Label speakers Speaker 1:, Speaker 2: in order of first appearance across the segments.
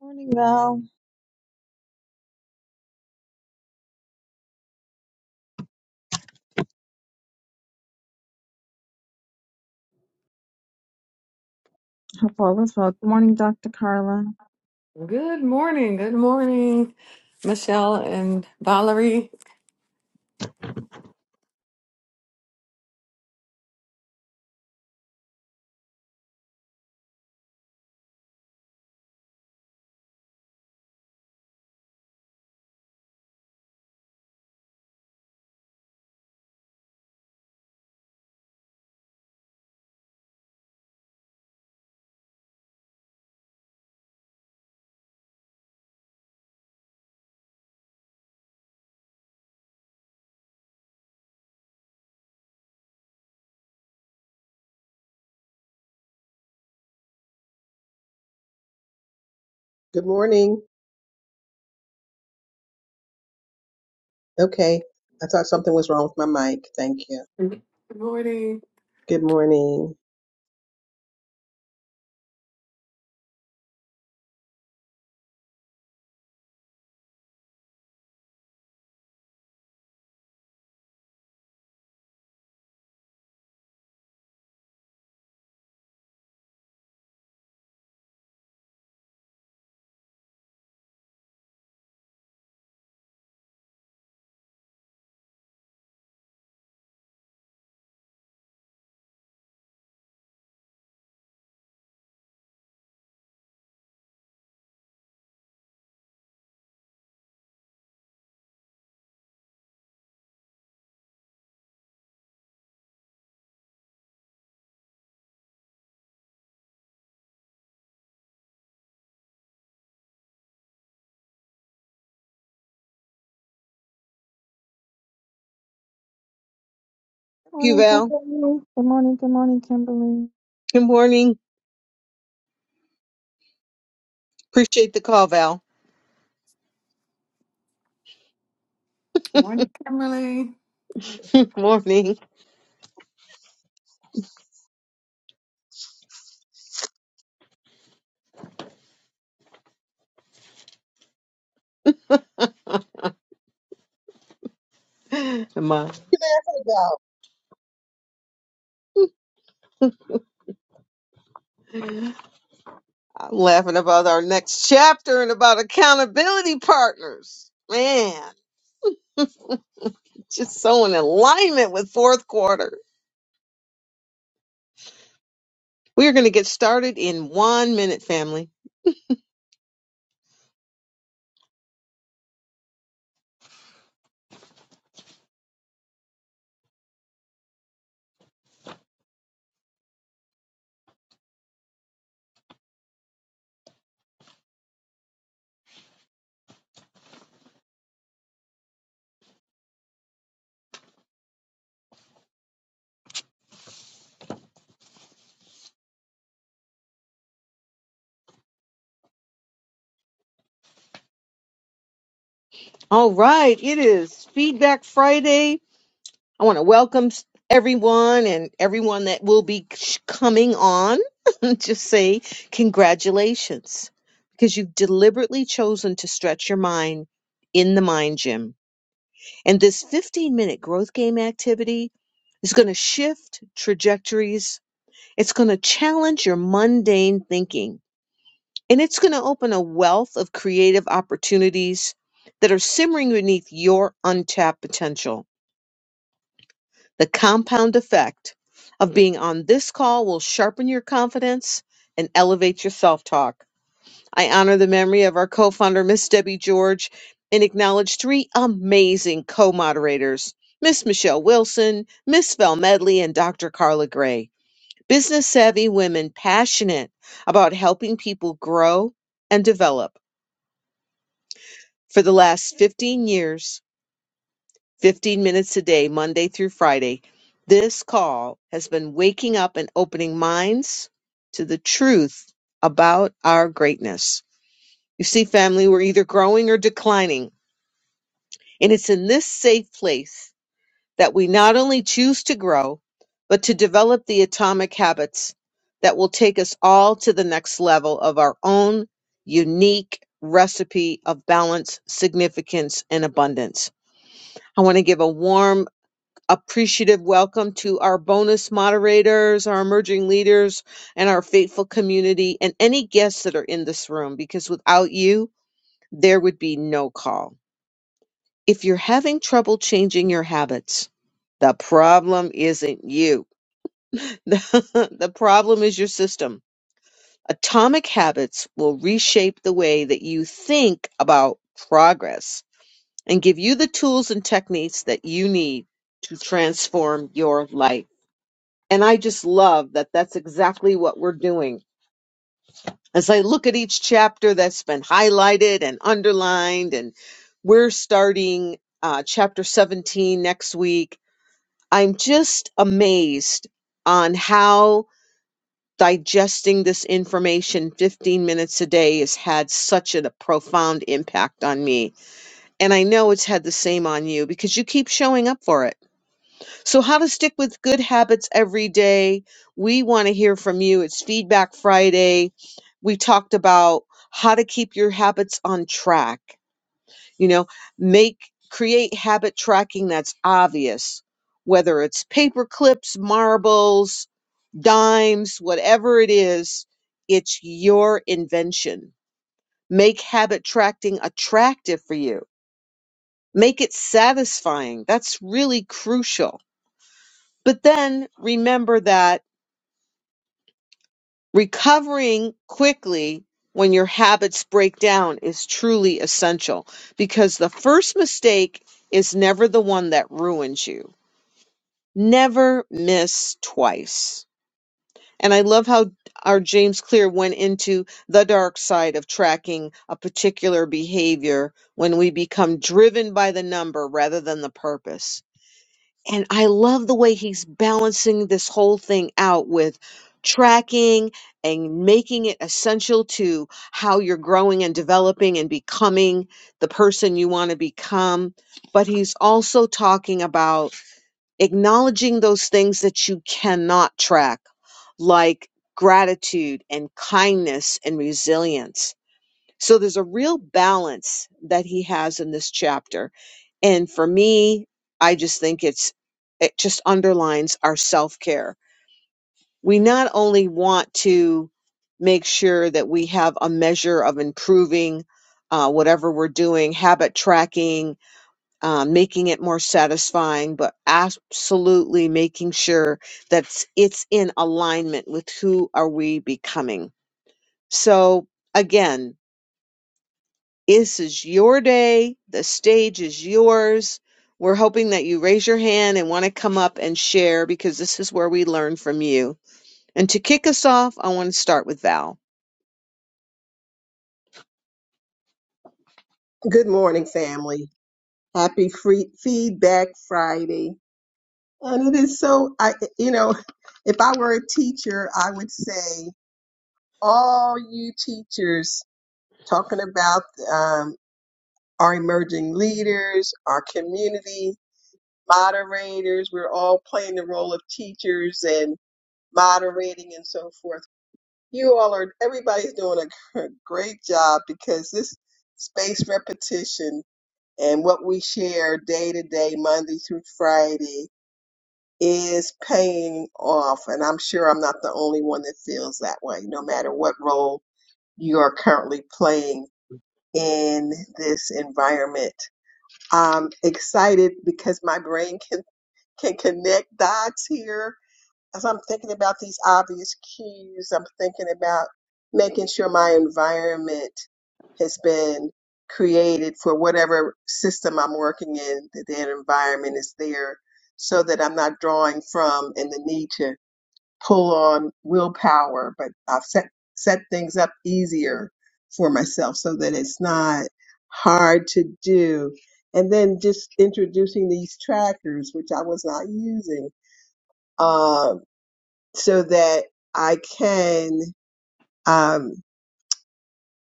Speaker 1: Morning, Val. Hope all is well. Good morning, Dr. Carla.
Speaker 2: Good morning. Good morning, Michelle and Valerie.
Speaker 1: Good
Speaker 3: Good morning. Okay. I thought something was wrong with my mic. Thank you.
Speaker 2: Good morning.
Speaker 3: Good morning.
Speaker 4: Thank you,
Speaker 1: morning,
Speaker 4: Val.
Speaker 1: Kimberly. Good morning, good morning, Kimberly.
Speaker 4: Good morning. Appreciate the call, Val.
Speaker 2: Good Morning, Kimberly.
Speaker 4: Good morning. Am I-
Speaker 3: There we go.
Speaker 4: I'm laughing about our next chapter and about accountability partners. Man, just so in alignment with fourth quarter. We are going to get started in one minute, family. All right, it is Feedback Friday. I want to welcome s- everyone and everyone that will be sh- coming on. Just say congratulations because you've deliberately chosen to stretch your mind in the mind gym. And this 15 minute growth game activity is going to shift trajectories. It's going to challenge your mundane thinking and it's going to open a wealth of creative opportunities that are simmering beneath your untapped potential. The compound effect of being on this call will sharpen your confidence and elevate your self talk. I honor the memory of our co founder, Miss Debbie George, and acknowledge three amazing co moderators Miss Michelle Wilson, Miss Val Medley, and Dr. Carla Gray. Business savvy women passionate about helping people grow and develop. For the last 15 years, 15 minutes a day, Monday through Friday. This call has been waking up and opening minds to the truth about our greatness. You see, family, we're either growing or declining. And it's in this safe place that we not only choose to grow, but to develop the atomic habits that will take us all to the next level of our own unique recipe of balance, significance, and abundance. I want to give a warm appreciative welcome to our bonus moderators, our emerging leaders, and our faithful community, and any guests that are in this room, because without you, there would be no call. If you're having trouble changing your habits, the problem isn't you. the the problem is your system. Atomic habits will reshape the way that you think about progress and give you the tools and techniques that you need to transform your life. And I just love that that's exactly what we're doing. As I look at each chapter that's been highlighted and underlined, and we're starting uh, chapter 17 next week, I'm just amazed on how digesting this information 15 minutes a day has had such a profound impact on me. And I know it's had the same on you because you keep showing up for it So, how to stick with good habits every day. We want to hear from you. It's Feedback Friday. We talked about how to keep your habits on track, you know, make create habit tracking that's obvious, whether it's paper clips, marbles, dimes, whatever it is, it's your invention. Make habit tracking attractive for you. Make it satisfying. That's really crucial. But then remember that recovering quickly when your habits break down is truly essential because the first mistake is never the one that ruins you. Never miss twice. And I love how our James Clear went into the dark side of tracking a particular behavior when we become driven by the number rather than the purpose. And I love the way he's balancing this whole thing out with tracking and making it essential to how you're growing and developing and becoming the person you want to become. But he's also talking about acknowledging those things that you cannot track, like gratitude and kindness and resilience so there's a real balance that he has in this chapter. And for me, I just think it's, it just underlines our self care. We not only want to make sure that we have a measure of improving uh, whatever we're doing, habit tracking, uh, making it more satisfying, but absolutely making sure that it's in alignment with who are we becoming. So again, This is your day. The stage is yours. We're hoping that you raise your hand and want to come up and share because this is where we learn from you. And to kick us off, I want to start with Val.
Speaker 3: Good morning, family. Happy free feedback Friday. And it is so I you know, if I were a teacher, I would say all you teachers talking about um, our emerging leaders, our community moderators, we're all playing the role of teachers and moderating and so forth You all are, everybody's doing a great job because this space repetition and what we share day to day, Monday through Friday, is paying off. And I'm sure I'm not the only one that feels that way, no matter what role you are currently playing in this environment. I'm excited because my brain can, can connect dots here as I'm thinking about these obvious cues, I'm thinking about making sure my environment has been created for whatever system I'm working in, that the environment is there so that I'm not drawing from and the need to pull on willpower, but I've set, set things up easier for myself so that it's not hard to do. And then just introducing these trackers, which I was not using um, so that I can um,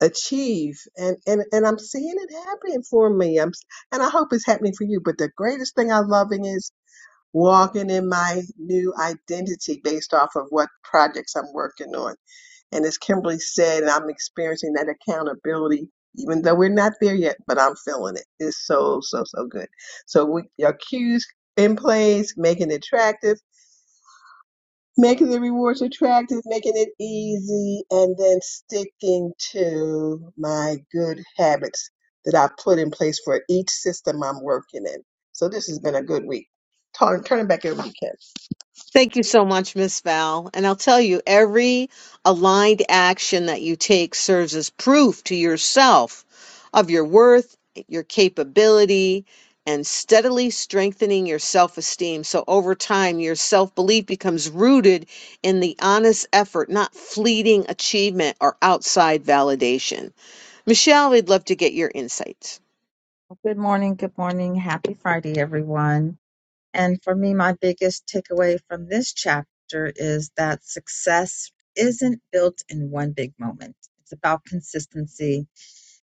Speaker 3: achieve. And, and, and I'm seeing it happening for me. I'm, and I hope it's happening for you. But the greatest thing I'm loving is walking in my new identity based off of what projects I'm working on. And as Kimberly said, I'm experiencing that accountability. Even though we're not there yet, but I'm feeling it. It's so, so, so good. So we, your cues in place, making it attractive making the rewards attractive, making it easy, and then sticking to my good habits that I put in place for each system I'm working in. So this has been a good week. Turn, turn it back over to Ken.
Speaker 4: Thank you so much, Miss Val. And I'll tell you, every aligned action that you take serves as proof to yourself of your worth, your capability, and steadily strengthening your self esteem. So over time, your self belief becomes rooted in the honest effort, not fleeting achievement or outside validation. Michelle, we'd love to get your insights.
Speaker 1: Good morning, good morning. Happy Friday, everyone. And for me, my biggest takeaway from this chapter is that success isn't built in one big moment. It's about consistency.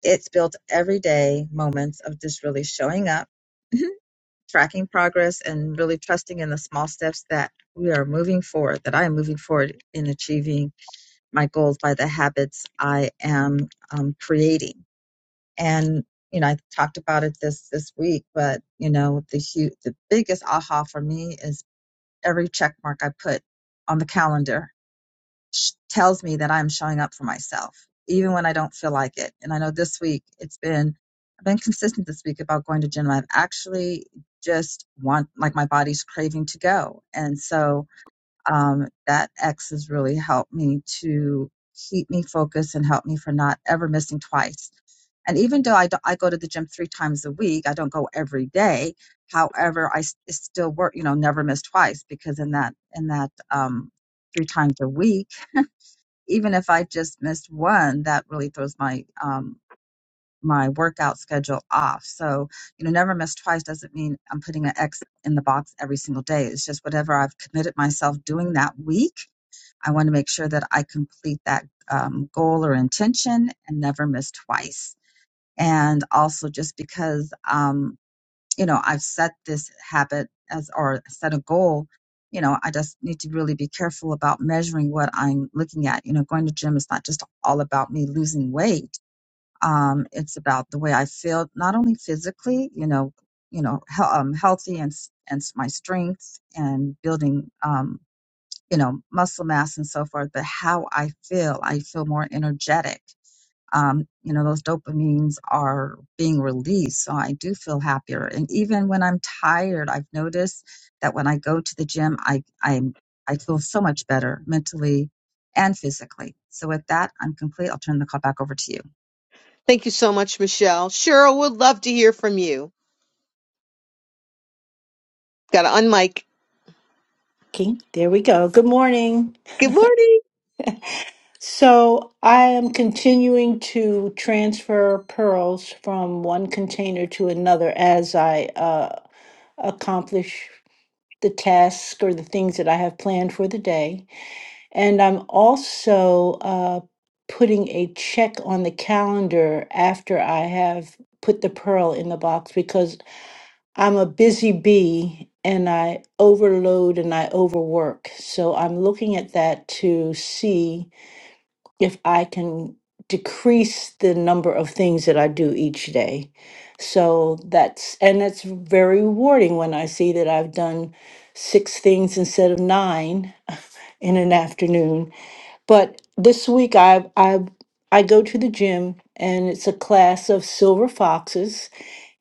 Speaker 1: It's built every day, moments of just really showing up tracking progress and really trusting in the small steps that we are moving forward, that I am moving forward in achieving my goals by the habits I am um, creating. And, you know, I talked about it this, this week, but, you know, the huge, the biggest aha for me is every check mark I put on the calendar sh- tells me that I'm showing up for myself, even when I don't feel like it. And I know this week it's been, I've been consistent this week about going to gym. I've actually just want, like my body's craving to go. And so, um, that X has really helped me to keep me focused and help me for not ever missing twice. And even though I, do, I go to the gym three times a week, I don't go every day. However, I s- it still work, you know, never miss twice because in that, in that, um, three times a week, even if I just missed one, that really throws my um, my workout schedule off. So you know, never miss twice doesn't mean I'm putting an X in the box every single day. It's just whatever I've committed myself doing that week. I want to make sure that I complete that um, goal or intention and never miss twice. And also, just because um, you know, I've set this habit as or set a goal, you know, I just need to really be careful about measuring what I'm looking at. You know, going to gym is not just all about me losing weight. Um, it's about the way I feel, not only physically, you know, you know, he- um, healthy and s- and s- my strength and building, um, you know, muscle mass and so forth, but how I feel. I feel more energetic um, you know, those dopamines are being released. So I do feel happier. And even when I'm tired, I've noticed that when I go to the gym, I, I'm, I feel so much better mentally and physically. So with that, I'm complete. I'll turn the call back over to you.
Speaker 4: Thank you so much, Michelle. Cheryl, would love to hear from you. Got to unmic.
Speaker 5: Okay, there we go. Good morning.
Speaker 4: Good morning.
Speaker 5: So I am continuing to transfer pearls from one container to another as I uh, accomplish the task or the things that I have planned for the day. And I'm also uh, putting a check on the calendar after I have put the pearl in the box because I'm a busy bee and I overload and I overwork. So I'm looking at that to see if I can decrease the number of things that I do each day. So that's, and that's very rewarding when I see that I've done six things instead of nine in an afternoon. But this week I, I, I go to the gym and it's a class of silver foxes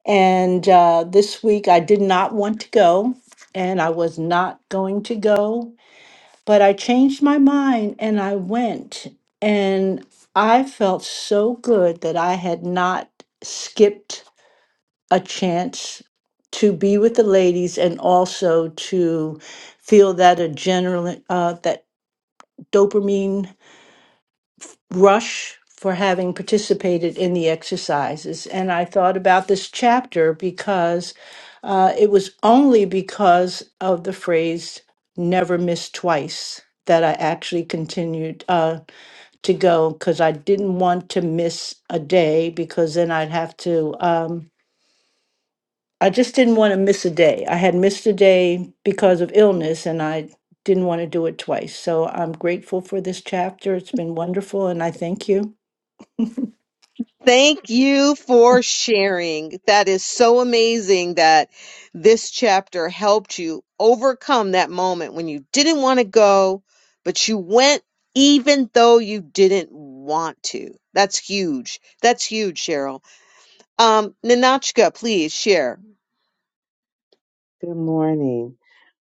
Speaker 5: and uh, this week I did not want to go, and I was not going to go, but I changed my mind and I went. And I felt so good that I had not skipped a chance to be with the ladies and also to feel that adrenaline, uh, that dopamine Rush for having participated in the exercises. And I thought about this chapter because uh, it was only because of the phrase never miss twice that I actually continued uh, to go because I didn't want to miss a day because then I'd have to. Um, I just didn't want to miss a day. I had missed a day because of illness and I didn't want to do it twice. So I'm grateful for this chapter. It's been wonderful and I thank you.
Speaker 4: Thank you for sharing. That is so amazing that this chapter helped you overcome that moment when you didn't want to go, but you went even though you didn't want to. That's huge. That's huge, Cheryl. Um, Ninotchka, please share.
Speaker 6: Good morning.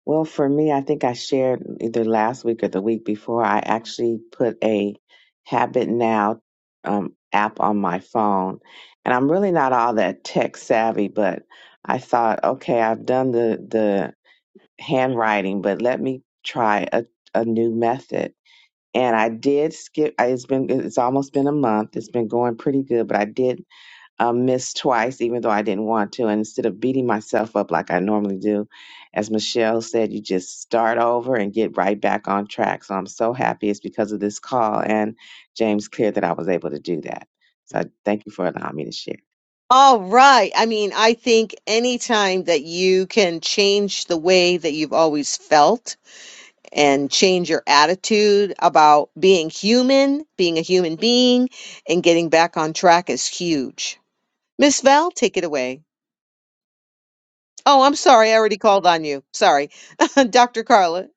Speaker 6: Well, for me, I think I shared either last week or the week before, I actually put a Habit Now um, app on my phone. And I'm really not all that tech savvy, but I thought, okay, I've done the, the handwriting, but let me try a, a new method. And I did skip, I- it's been, it's almost been a month. It's been going pretty good, but I did um, missed twice, even though I didn't want to. And instead of beating myself up like I normally do, as Michelle said, you just start over and get right back on track. So I'm so happy it's because of this call and James Clear that I was able to do that. So I thank you for allowing me to share.
Speaker 4: All right. I mean, I think anytime that you can change the way that you've always felt and change your attitude about being human, being a human being, and getting back on track is huge. Miss Val, take it away. Oh, I'm sorry. I already called on you. Sorry. Dr. Carlin.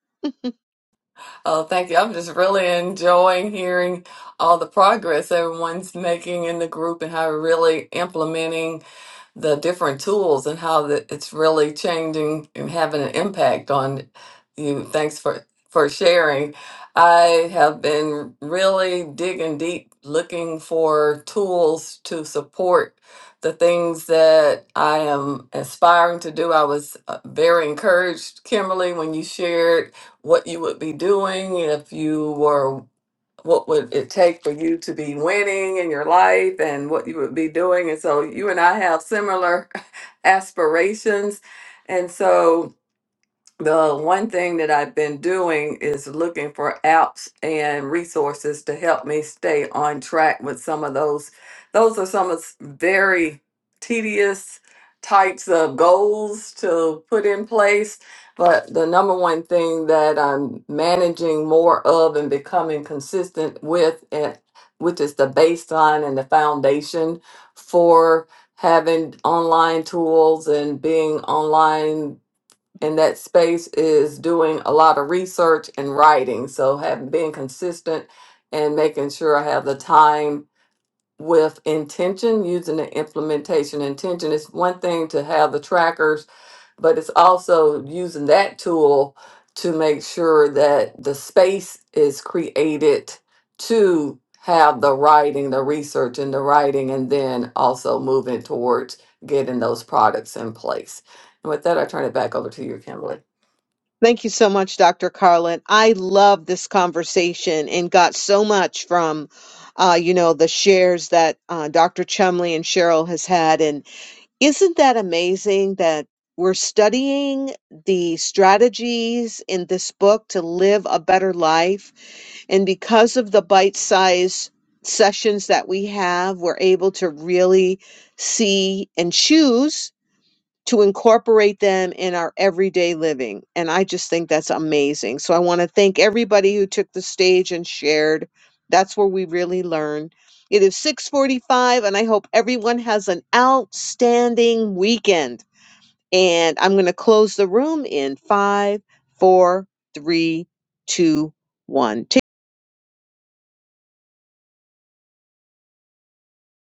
Speaker 2: Oh, thank you. I'm just really enjoying hearing all the progress everyone's making in the group and how we're really implementing. the different tools and how that it's really changing and having an impact on you. Thanks for for sharing. I have been really digging deep looking for tools to support the things that I am aspiring to do. I was uh, very encouraged, Kimberly, when you shared what you would be doing if you were what would it take for you to be winning in your life and what you would be doing. And so you and I have similar aspirations. And so the one thing that I've been doing is looking for apps and resources to help me stay on track with some of those. Those are some of s- very tedious types of goals to put in place. But the number one thing that I'm managing more of and becoming consistent with, and which is the baseline and the foundation for having online tools and being online and that space is doing a lot of research and writing. So having being consistent and making sure I have the time with intention, using the implementation intention. It's one thing to have the trackers, but it's also using that tool to make sure that the space is created to have the writing, the research and the writing, and then also moving towards getting those products in place. And with that, I turn it back over to you, Kimberly.
Speaker 4: Thank you so much, Dr. Carlin. I love this conversation and got so much from, uh, you know, the shares that uh, Dr. Chumley and Cheryl has had. and. Isn't that amazing that we're studying the strategies in this book to live a better life? And because of the bite sized sessions that we have, we're able to really see and choose to incorporate them in our everyday living. And I just think that's amazing. So I want to thank everybody who took the stage and shared. That's where we really learn. It is 6:45 and I hope everyone has an outstanding weekend. And I'm going to close the room in five, four, three, two, one. Take